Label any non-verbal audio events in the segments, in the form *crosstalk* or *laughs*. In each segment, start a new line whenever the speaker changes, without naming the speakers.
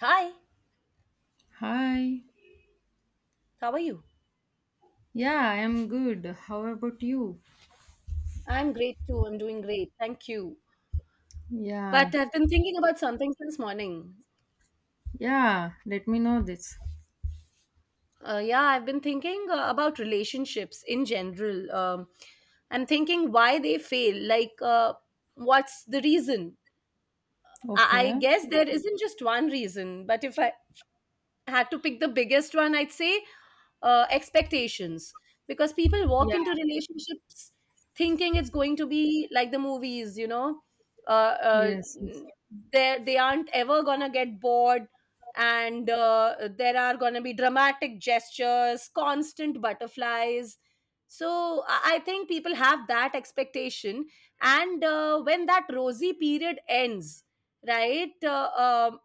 Hi,
Hi.
how are you?
Yeah, I am good. How about you?
I'm great too. I'm doing great. Thank you.
Yeah.
But I've been thinking about something since morning.
Yeah, let me know this.
Yeah, I've been thinking about relationships in general. I'm thinking why they fail. What's the reason? I
Okay.
guess there isn't just one reason. But if I had to pick the biggest one, I'd say expectations. Because people walk
Yeah.
into relationships thinking it's going to be like the movies, uh, uh,
Yes, yes.
they aren't ever gonna get bored, and there are gonna be dramatic gestures, constant butterflies. So I think people have that expectation, and when that rosy period ends, right? Um,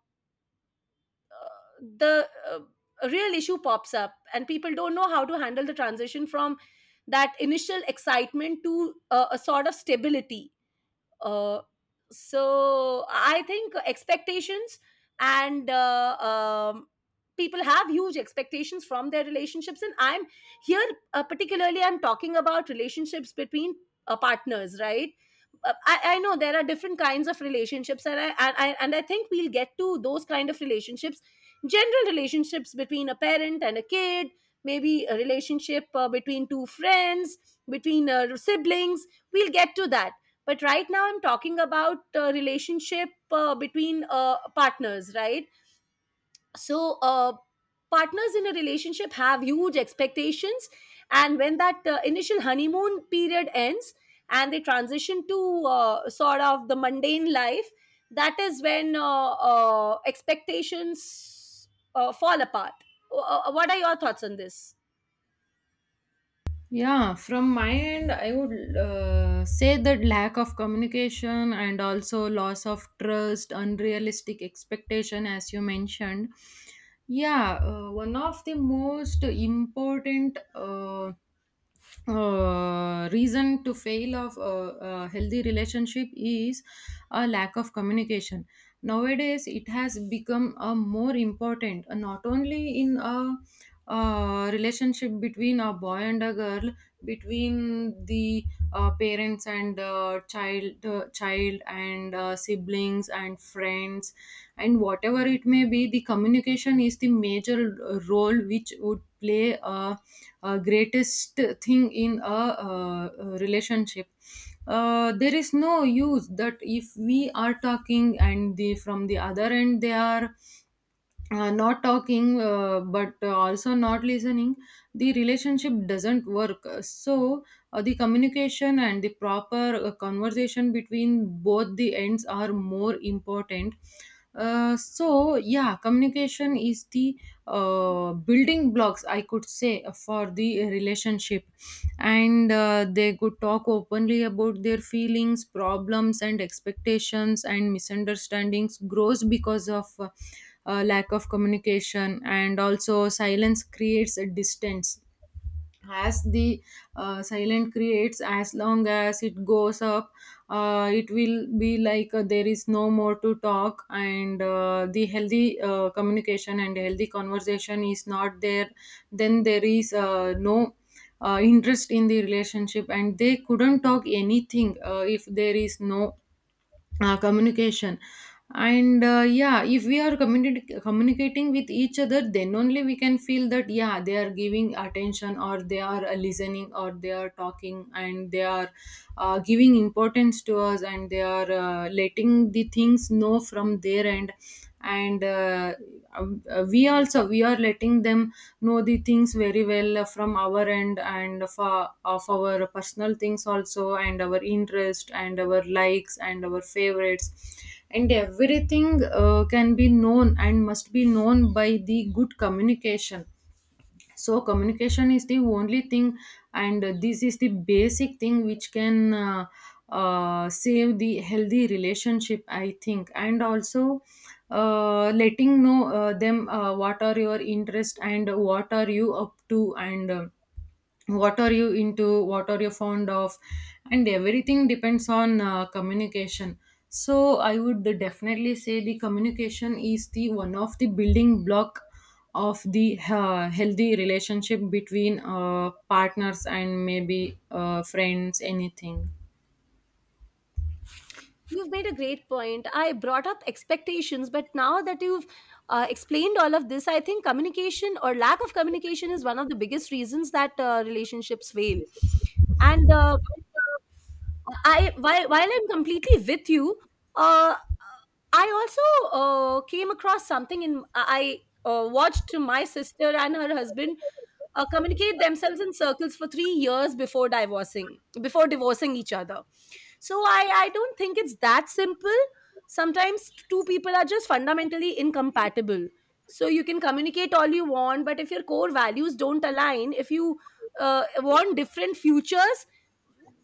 the real issue pops up and people don't know how to handle the transition from that initial excitement to a sort of stability, uh, so I think expectations, and people have huge expectations from their relationships, and I'm here particularly. I'm talking about relationships between partners, right? I know there are different kinds of relationships, and I think we'll get to those kind of relationships. General relationships between a parent and a kid, maybe a relationship between two friends, between siblings. We'll get to that, but right now I'm talking about relationship between partners, right? So partners in a relationship have huge expectations, and when that initial honeymoon period ends and they transition to sort of the mundane life, that is when expectations fall apart. What are your thoughts on this?
Yeah, from my end, I would say that lack of communication and also loss of trust, unrealistic expectation, as you mentioned. Yeah, one of the most important reason to fail of a healthy relationship is a lack of communication. Nowadays it has become a more important, not only in a, uh, relationship between a boy and a girl, between the parents and child, child and siblings and friends, and whatever it may be, the communication is the major role which would play a greatest thing in a uh, relationship. There is no use that if we are talking and the from the other end they are not talking, but also not listening, the relationship doesn't work. So the communication and the proper conversation between both the ends are more important. So yeah, communication is the building blocks, I could say, for the relationship. And they could talk openly about their feelings, problems and expectations, and misunderstandings grows because of lack of communication. And also silence creates a distance. As the silent creates, as long as it goes up, it will be like there is no more to talk, and the healthy communication and healthy conversation is not there. Then there is no interest in the relationship, and they couldn't talk anything if there is no communication. And yeah, if we are communicating with each other, then only we can feel that yeah, they are giving attention, or they are listening, or they are talking, and they are giving importance to us, and they are letting the things know from their end. And we also, we are letting them know the things very well from our end, and of of our personal things also, and our interest and our likes and our favorites, and everything can be known and must be known by the good communication. So communication is the only thing, and this is the basic thing which can save the healthy relationship, I think. And also letting know them what are your interest and what are you up to, and what are you into, what are you fond of, and everything depends on communication. So I would definitely say the communication is the one of the building block of the healthy relationship between partners and maybe friends, anything.
You've made a great point. I brought up expectations, but now that you've explained all of this, I think communication or lack of communication is one of the biggest reasons that relationships fail. And uh, while I'm completely with you, uh, I also came across something in I watched my sister and her husband communicate themselves in circles for 3 years before divorcing each other. So I don't think it's that simple. Sometimes two people are just fundamentally incompatible, so you can communicate all you want, but if your core values don't align, if you want different futures,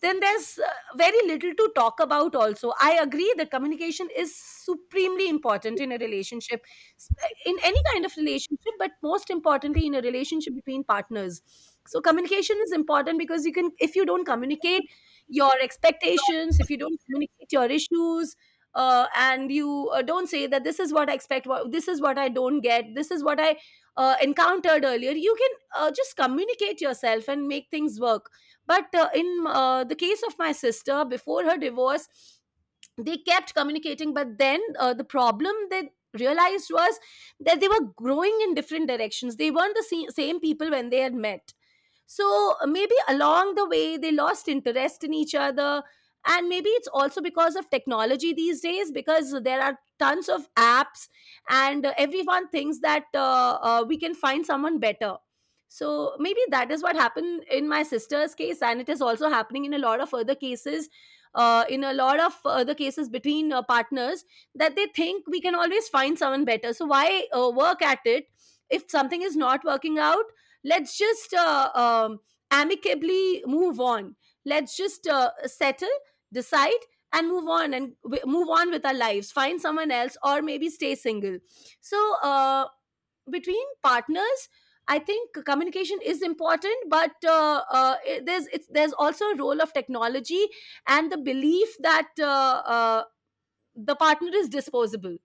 then there's very little to talk about. Also, I agree that communication is supremely important in a relationship, s- in any kind of relationship, but most importantly in a relationship between partners. So communication is important because you can, if you don't communicate your expectations, if you don't communicate your issues, and you don't say that this is what I expect, what, this is what I don't get, this is what I encountered earlier, you can just communicate yourself and make things work. But in the case of my sister, before her divorce, they kept communicating, but then the problem they realized was that they were growing in different directions. They weren't the same people when they had met, so maybe along the way, they lost interest in each other. And maybe it's also because of technology these days, because there are tons of apps, and everyone thinks that we can find someone better. So maybe that is what happened in my sister's case, and it is also happening in a lot of other cases, in a lot of other cases between partners, that they think we can always find someone better. So why work at it if something is not working out? Let's just amicably move on. Let's just settle, decide, and move on, and move on with our lives, find someone else, or maybe stay single. So between partners, I think communication is important, but there's also a role of technology and the belief that the partner is disposable,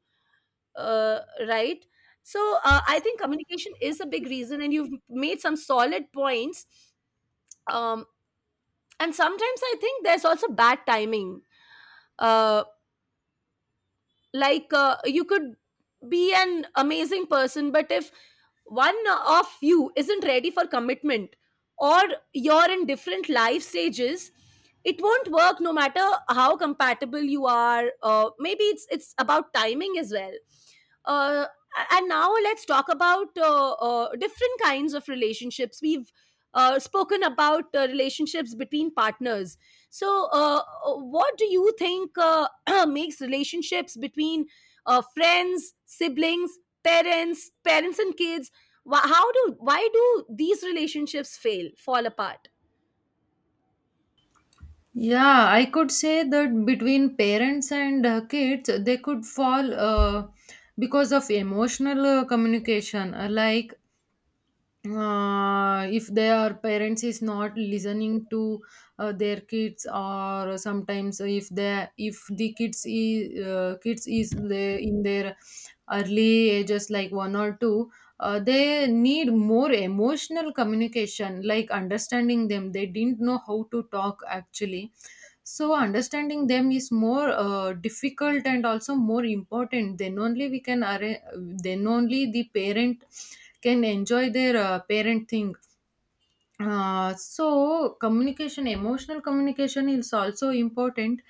uh, right? So I think communication is a big reason, and you've made some solid points. um, and sometimes I think there's also bad timing. uh, you could be an amazing person, but if one of you isn't ready for commitment, or you're in different life stages, it won't work no matter how compatible you are. Maybe it's about timing as well. uh, and now let's talk about different kinds of relationships. We've spoken about relationships between partners. So, what do you think *clears throat* makes relationships between friends, siblings, parents, parents and kids? How do, why do these relationships fail, fall apart?
Yeah, I could say that between parents and kids, they could fall because of emotional communication. Like if their parents is not listening to their kids, or sometimes if they, if the kids is the, in their early ages like one or two, they need more emotional communication, like understanding them. They didn't know how to talk actually, so understanding them is more difficult and also more important. Then only we can then only the parent can enjoy their parent thing. So communication, emotional communication is also important.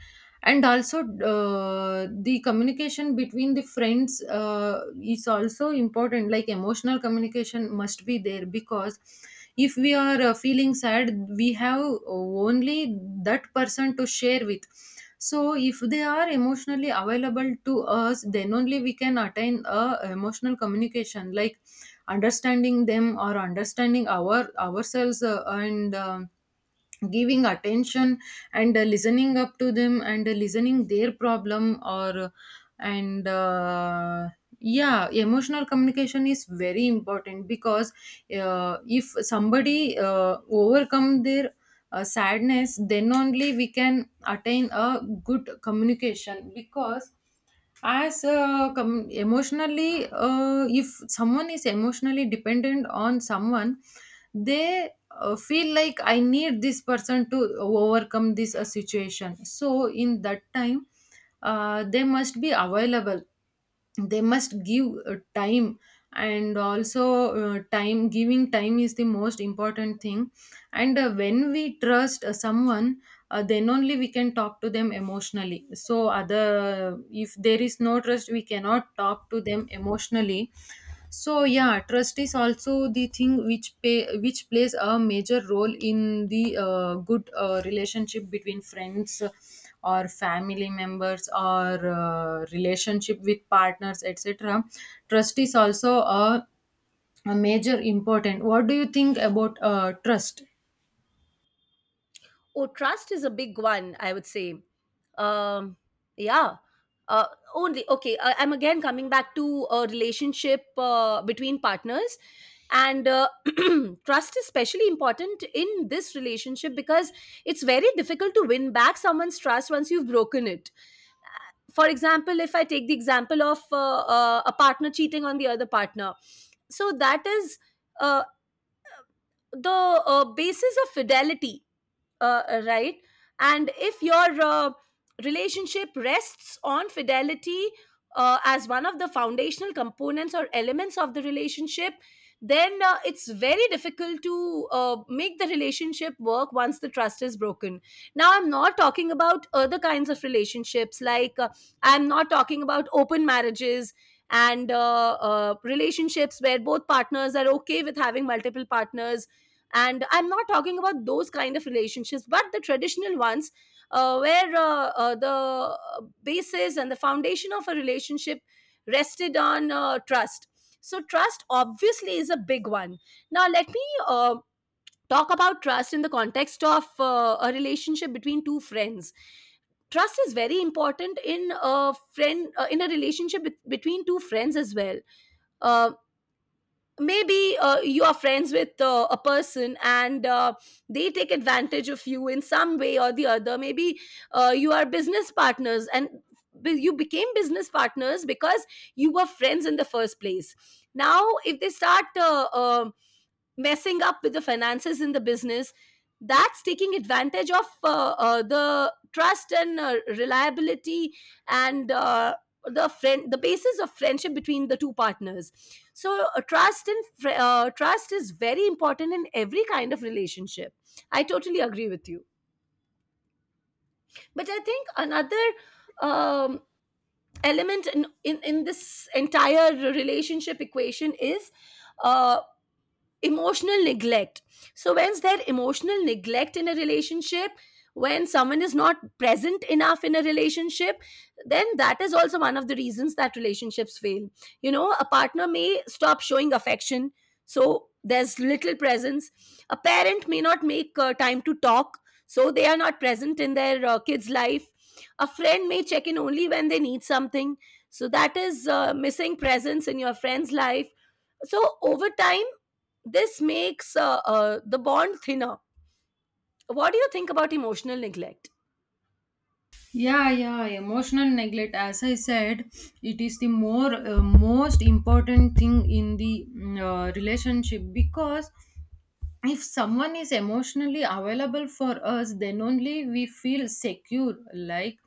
And also the communication between the friends is also important, like emotional communication must be there, because if we are feeling sad, we have only that person to share with. So if they are emotionally available to us, then only we can attain a emotional communication, like understanding them or understanding ourselves, and um, giving attention and listening up to them and listening their problem, or and yeah, emotional communication is very important because if somebody overcome their sadness, then only we can attain a good communication. Because as emotionally, if someone is emotionally dependent on someone, they feel like I need this person to overcome this situation. So in that time, they must be available, they must give time, and also, time giving time is the most important thing. And when we trust someone, then only we can talk to them emotionally. So other, if there is no trust, we cannot talk to them emotionally. So yeah, trust is also the thing which which plays a major role in the good relationship between friends or family members or relationship with partners, etc. Trust is also a major important. What do you think about trust?
Oh, trust is a big one, I would say. Um, yeah. Uh, Only okay. I'm again coming back to a relationship between partners, and *clears throat* trust is especially important in this relationship because it's very difficult to win back someone's trust once you've broken it. For example, if I take the example of a partner cheating on the other partner, so that is uh, the basis of fidelity, right? And if your relationship rests on fidelity as one of the foundational components or elements of the relationship, then it's very difficult to make the relationship work once the trust is broken. Now I'm not talking about other kinds of relationships, I'm not talking about open marriages and relationships where both partners are okay with having multiple partners, and I'm not talking about those kind of relationships, but the traditional ones, where the basis and the foundation of a relationship rested on trust. So trust obviously is a big one. Now let me talk about trust in the context of a relationship between two friends. Trust is very important in a friend in a relationship between two friends as well. Uh, Maybe you are friends with a person, and they take advantage of you in some way or the other. Maybe you are business partners, and you became business partners because you were friends in the first place. Now if they start messing up with the finances in the business, that's taking advantage of the trust and reliability and the friend, the basis of friendship between the two partners. So trust is very important in every kind of relationship. I totally agree with you, but I think another um, element in this entire relationship equation is uh, emotional neglect. So when's there emotional neglect in a relationship? When someone is not present enough in a relationship, then that is also one of the reasons that relationships fail. You know, a partner may stop showing affection, so there's little presence. A parent may not make time to talk, so they are not present in their kids' life. A friend may check in only when they need something, so that is missing presence in your friend's life. So over time, this makes the bond thinner. What do you think about emotional neglect?
Yeah, yeah, emotional neglect, as I said, it is the more most important thing in the relationship, because if someone is emotionally available for us, then only we feel secure, like.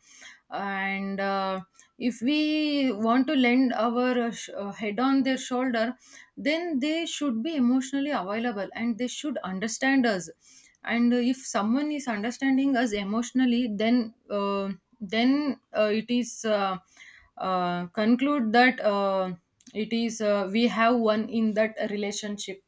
And if we want to lend our head on their shoulder, then they should be emotionally available and they should understand us. And if someone is understanding us emotionally, then it is conclude that it is we have one in that relationship.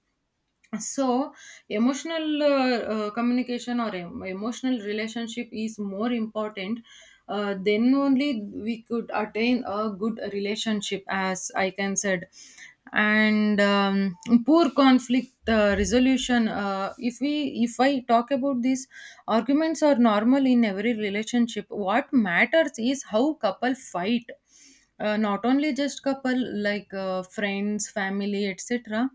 So emotional communication or emotional relationship is more important. Then only we could attain a good relationship, as I can said. And poor conflict resolution. If we, if I talk about this, arguments are normal in every relationship. What matters is how couple fight. Not only just couple, like friends, family, etc.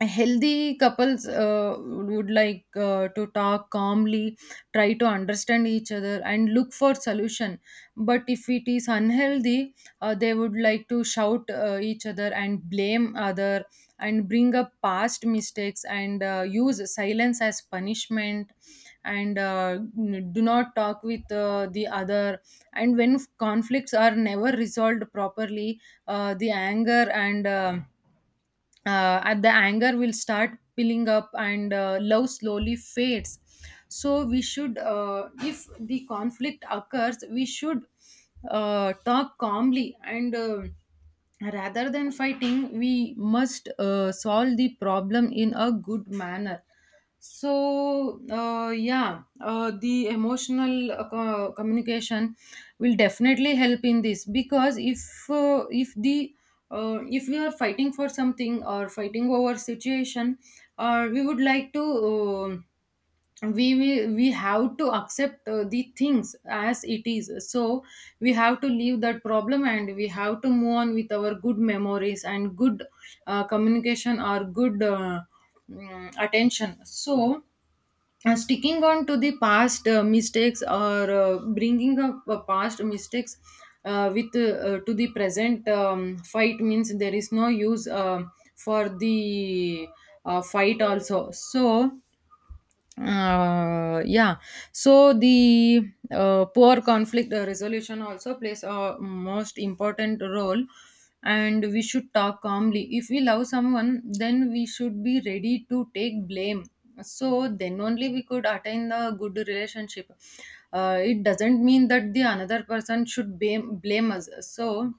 Healthy couples would like to talk calmly, try to understand each other, and look for solution. But if it is unhealthy, they would like to shout each other and blame other, and bring up past mistakes, and use silence as punishment, and do not talk with the other. And when conflicts are never resolved properly, the anger and at the anger will start piling up, and love slowly fades. So we should, if the conflict occurs, we should talk calmly, and rather than fighting, we must solve the problem in a good manner. So yeah, the emotional communication will definitely help in this, because if the if we are fighting for something or fighting over situation, we would like to we will, we have to accept the things as it is. So we have to leave that problem, and we have to move on with our good memories and good communication or good attention. So sticking on to the past mistakes, or bringing up past mistakes with to the present fight means there is no use for the fight also. So yeah, so the poor conflict resolution also plays a most important role. And we should talk calmly. If we love someone, then we should be ready to take blame. So then only we could attain the good relationship. It doesn't mean that the another person should blame us. So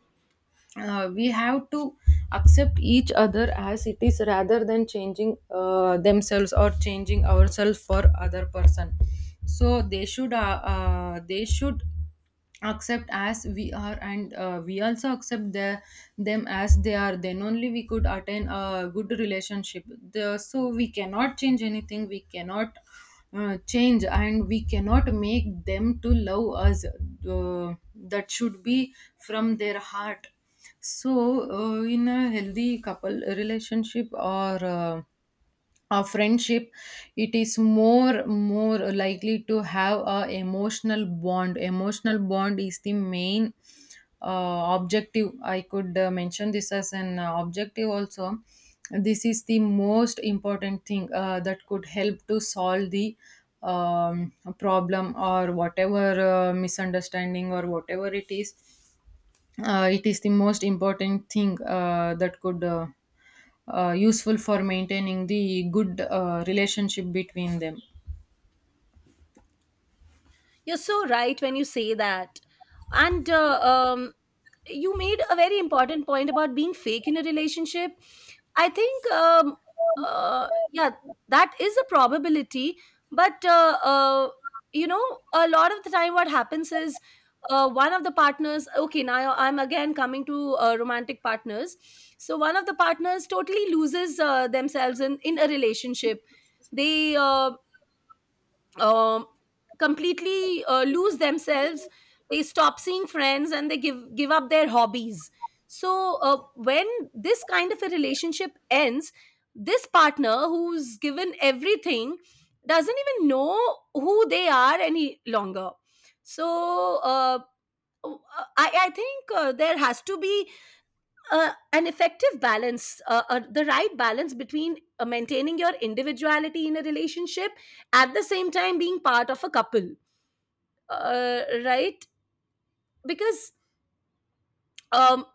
we have to accept each other as it is, rather than changing themselves or changing ourselves for other person. So they should accept as we are, and we also accept them as they are. Then only we could attain a good relationship. So we cannot change anything. We cannot change, and we cannot make them to love us. Uh, that should be from their heart. So in a healthy couple relationship or a friendship, it is more likely to have a emotional bond. Emotional bond is the main objective, I could mention this as an objective also. This is the most important thing that could help to solve the um, problem or whatever misunderstanding or whatever it is. It is the most important thing that could useful for maintaining the good relationship between them.
You're so right when you say that. And You made a very important point about being fake in a relationship. I think, yeah, that is a probability. But, you know, a lot of the time what happens is one of the partners, okay, now I'm again coming to romantic partners. So one of the partners totally loses themselves in a relationship. They um, completely lose themselves. They stop seeing friends, and they give up their hobbies. So when this kind of a relationship ends, this partner, who's given everything, doesn't even know who they are any longer. So I think there has to be an effective balance, the right balance between maintaining your individuality in a relationship, at the same time being part of a couple, right? Because um,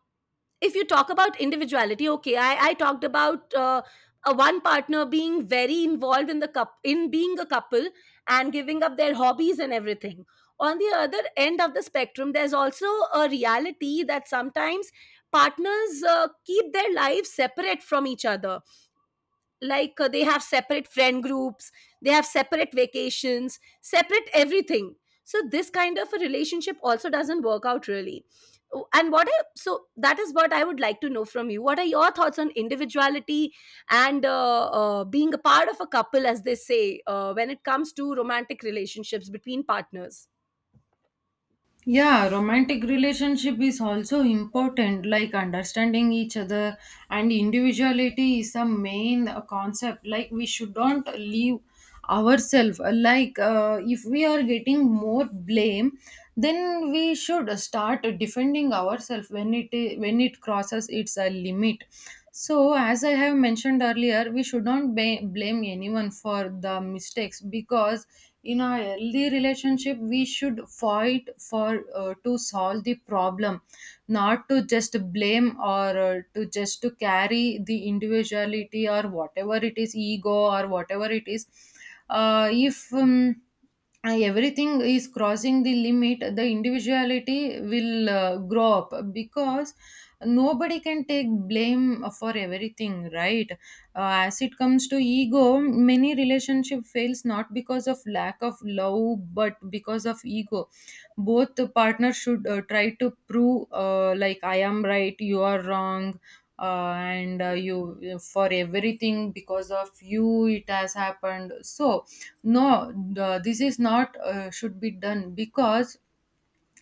if you talk about individuality, okay, I talked about a one partner being very involved in the cup in being a couple and giving up their hobbies and everything. On the other end of the spectrum, there's also a reality that sometimes partners keep their lives separate from each other, like they have separate friend groups, they have separate vacations, separate everything. So this kind of a relationship also doesn't work out really. Oh, and what I, so that is what I would like to know from you: what are your thoughts on individuality and being a part of a couple, as they say, when it comes to romantic relationships between partners?
Yeah, romantic relationship is also important, like understanding each other. And individuality is the main concept, like we should not leave ourselves. Like if we are getting more blame, then we should start defending ourselves when it when it crosses its limit. So as I have mentioned earlier, we should not blame anyone for the mistakes, because in a healthy relationship we should fight for to solve the problem, not to just blame, or to just to carry the individuality or whatever it is, ego or whatever it is. If everything is crossing the limit, the individuality will grow up, because nobody can take blame for everything, right? Uh, as it comes to ego, many relationship fails not because of lack of love, but because of ego. Both the partners should try to prove like I am right, you are wrong. And you for everything, because of you it has happened. So no, this is not should be done, because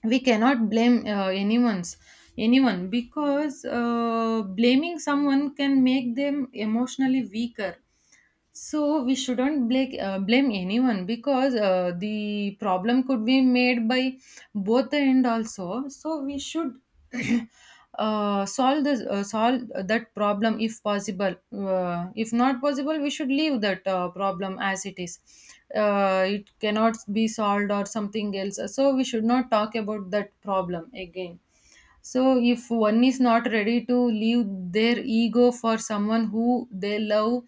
we cannot blame anyone, because blaming someone can make them emotionally weaker. So we shouldn't blame anyone, because the problem could be made by both the end also. So we should *clears throat* solve this solve that problem if possible. If not possible, we should leave that problem as it is. It cannot be solved or something else, so we should not talk about that problem again. So if one is not ready to leave their ego for someone who they love,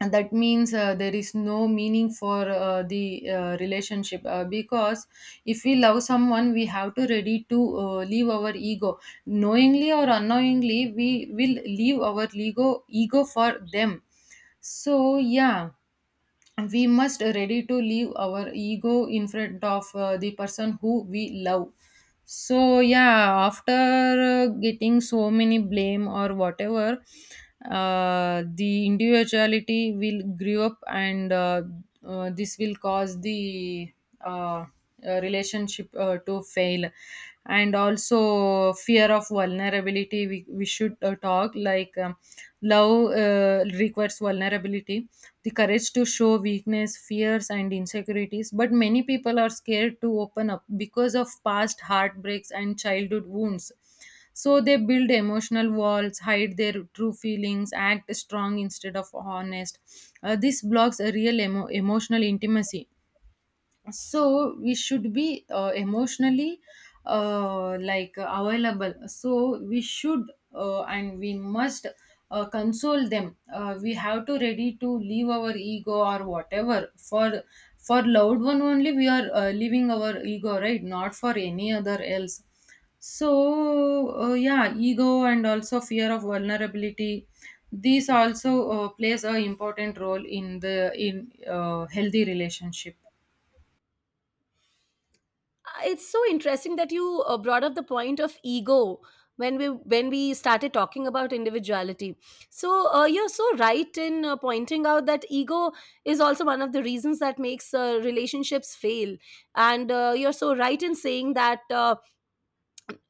and that means there is no meaning for the relationship, because if we love someone, we have to ready to leave our ego. Knowingly or unknowingly, we will leave our ego for them. So yeah, we must ready to leave our ego in front of the person who we love. So yeah, after getting so many blame or whatever, the individuality will grow up, and this will cause the uh, uh, relationship to fail. And also, fear of vulnerability, we should talk like, love requires vulnerability, the courage to show weakness, fears, and insecurities. But many people are scared to open up because of past heartbreaks and childhood wounds. So they build emotional walls, hide their true feelings, act strong instead of honest. This blocks a real emotional intimacy. So we should be emotionally, available. So we should and we must console them. We have to ready to leave our ego or whatever for loved one. Only we are leaving our ego, right, not for any other else. So yeah, ego and also fear of vulnerability, these also plays a important role in the in healthy relationship.
It's so interesting that you brought up the point of ego when we started talking about individuality. So you're so right in pointing out that ego is also one of the reasons that makes relationships fail. And you're so right in saying that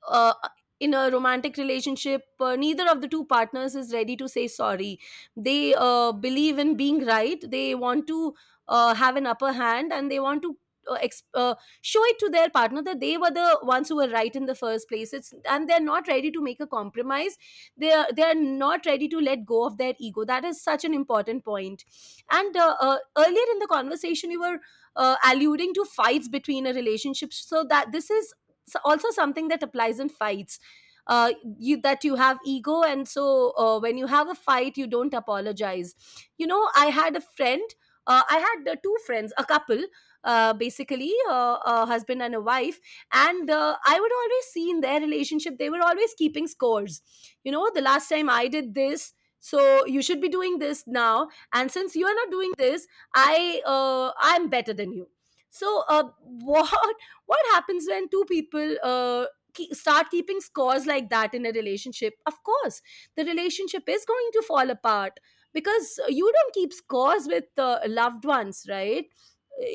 uh, in a romantic relationship, neither of the two partners is ready to say sorry. They believe in being right. They want to have an upper hand, and they want to uh, exp- uh, show it to their partner that they were the ones who were right in the first place. It's and they're not ready to make a compromise. They are not ready to let go of their ego. That is such an important point. And earlier in the conversation, you were alluding to fights between a relationship. So that this is so also something that applies in fights. uh, you have ego, and so when you have a fight, you don't apologize. You know, I had a friend, I had two friends, a couple, basically a husband and a wife. And I would always see in their relationship they were always keeping scores. You know, the last time I did this, so you should be doing this now, and since you are not doing this, I'm better than you. So *laughs* what happens when two people start keeping scores like that in a relationship? Of course the relationship is going to fall apart, because you don't keep scores with loved ones, right?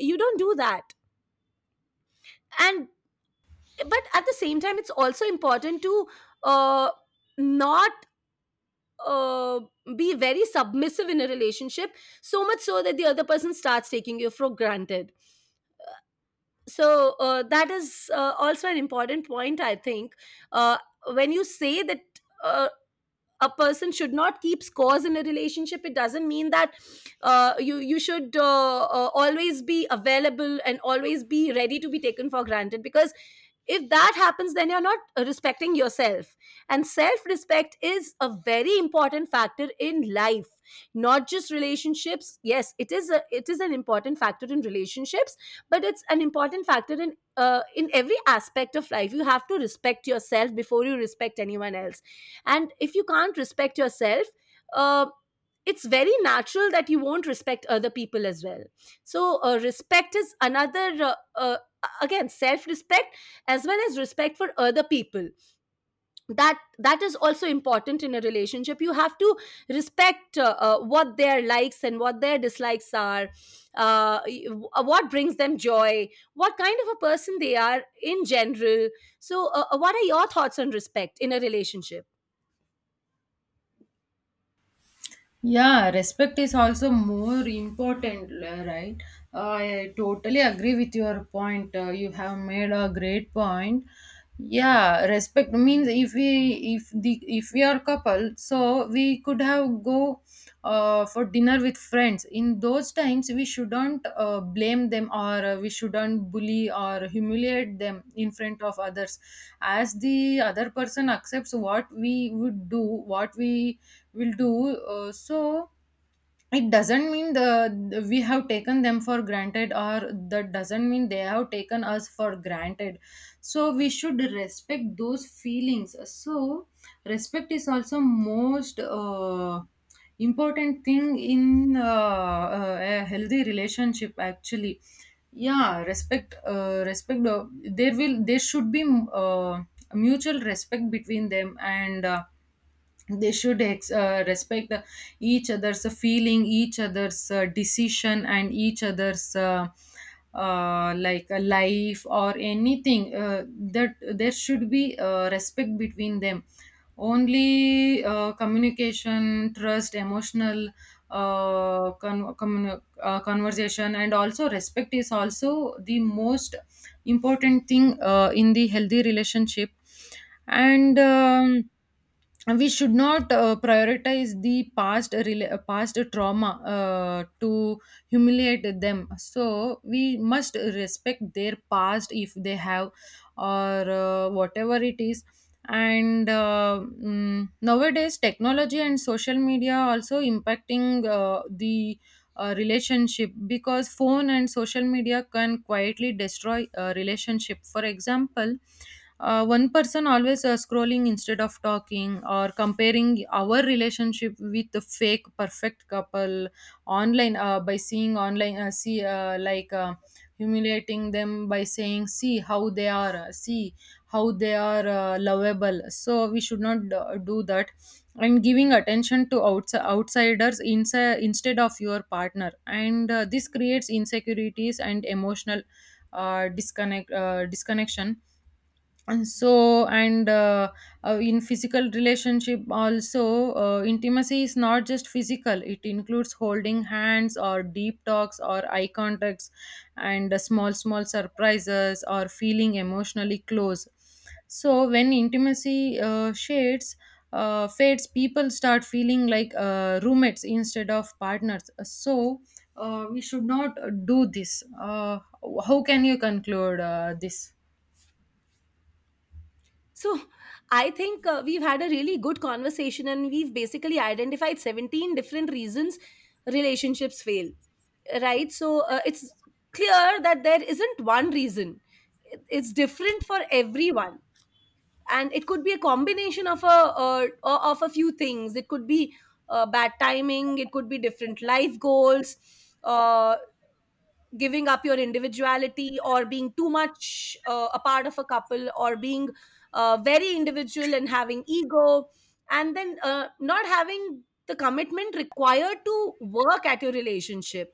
You don't do that. And but at the same time it's also important to uh, not uh, be very submissive in a relationship, so much so that the other person starts taking you for granted. So that is also an important point, I think. uh, when you say that uh, a person should not keep scores in a relationship, it doesn't mean that you should always be available and always be ready to be taken for granted, because if that happens, then you're not respecting yourself. And self respect is a very important factor in life, not just relationships. Yes, it is an important factor in relationships, but it's an important factor in every aspect of life. You have to respect yourself before you respect anyone else. And if you can't respect yourself, uh, it's very natural that you won't respect other people as well. So respect is another again, self respect as well as respect for other people. That is also important in a relationship. You have to respect what their likes and what their dislikes are, uh, y- what brings them joy, what kind of a person they are in general. So what are your thoughts on respect in a relationship?
Yeah, respect is also more important, right? I totally agree with your point. You have made a great point. Yeah, respect means if we if the if we are couple, so we could have go for dinner with friends. In those times, we shouldn't blame them or we shouldn't bully or humiliate them in front of others, as the other person accepts what we would do, what we will do so it doesn't mean the we have taken them for granted, or that doesn't mean they have taken us for granted. So we should respect those feelings. So respect is also most important thing in a healthy relationship actually. Yeah, respect respect there will there should be uh, mutual respect between them, and they should respect each other's feeling, each other's decision, and each other's like a life or anything. That there should be respect between them. Only communication, trust, emotional conversation, and also respect is also the most important thing in the healthy relationship. And we should not prioritize the past trauma to humiliate them. So we must respect their past, if they have, or whatever it is. And nowadays, technology and social media also impacting the relationship, because phone and social media can quietly destroy a relationship. For example, one person always scrolling instead of talking, or comparing our relationship with the fake perfect couple online, by seeing online, see like humiliating them by saying, see how they are, see how they are lovable. So we should not do that. And giving attention to outsiders inside instead of your partner, and this creates insecurities and emotional disconnection. And so, and in physical relationship also, intimacy is not just physical, it includes holding hands or deep talks or eye contacts, and small small surprises or feeling emotionally close. So when intimacy shades fades, people start feeling like roommates instead of partners. So we should not do this. How can you conclude this?
So, I think we've had a really good conversation, and we've basically identified 17 different reasons relationships fail, right? So, it's clear that there isn't one reason. It's different for everyone. And it could be a combination of a few things. It could be bad timing. It could be different life goals. Uh, Giving up your individuality, or being too much a part of a couple, or being very individual and having ego, and then not having the commitment required to work at your relationship.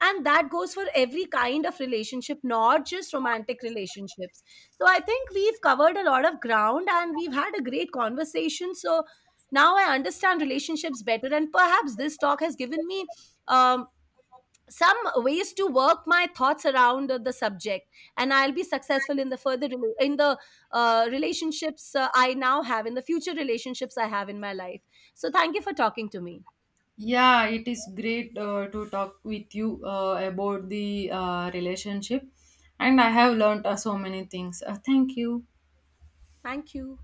And that goes for every kind of relationship, not just romantic relationships. So I think we've covered a lot of ground and we've had a great conversation. So now I understand relationships better, and perhaps this talk has given me um, some ways to work my thoughts around the subject, and I'll be successful in the further rela- in the relationships I now have, in the future relationships I have in my life. So thank you for talking to me.
Yeah, it is great to talk with you about the relationship, and I have learned so many things. Thank you.
Thank you.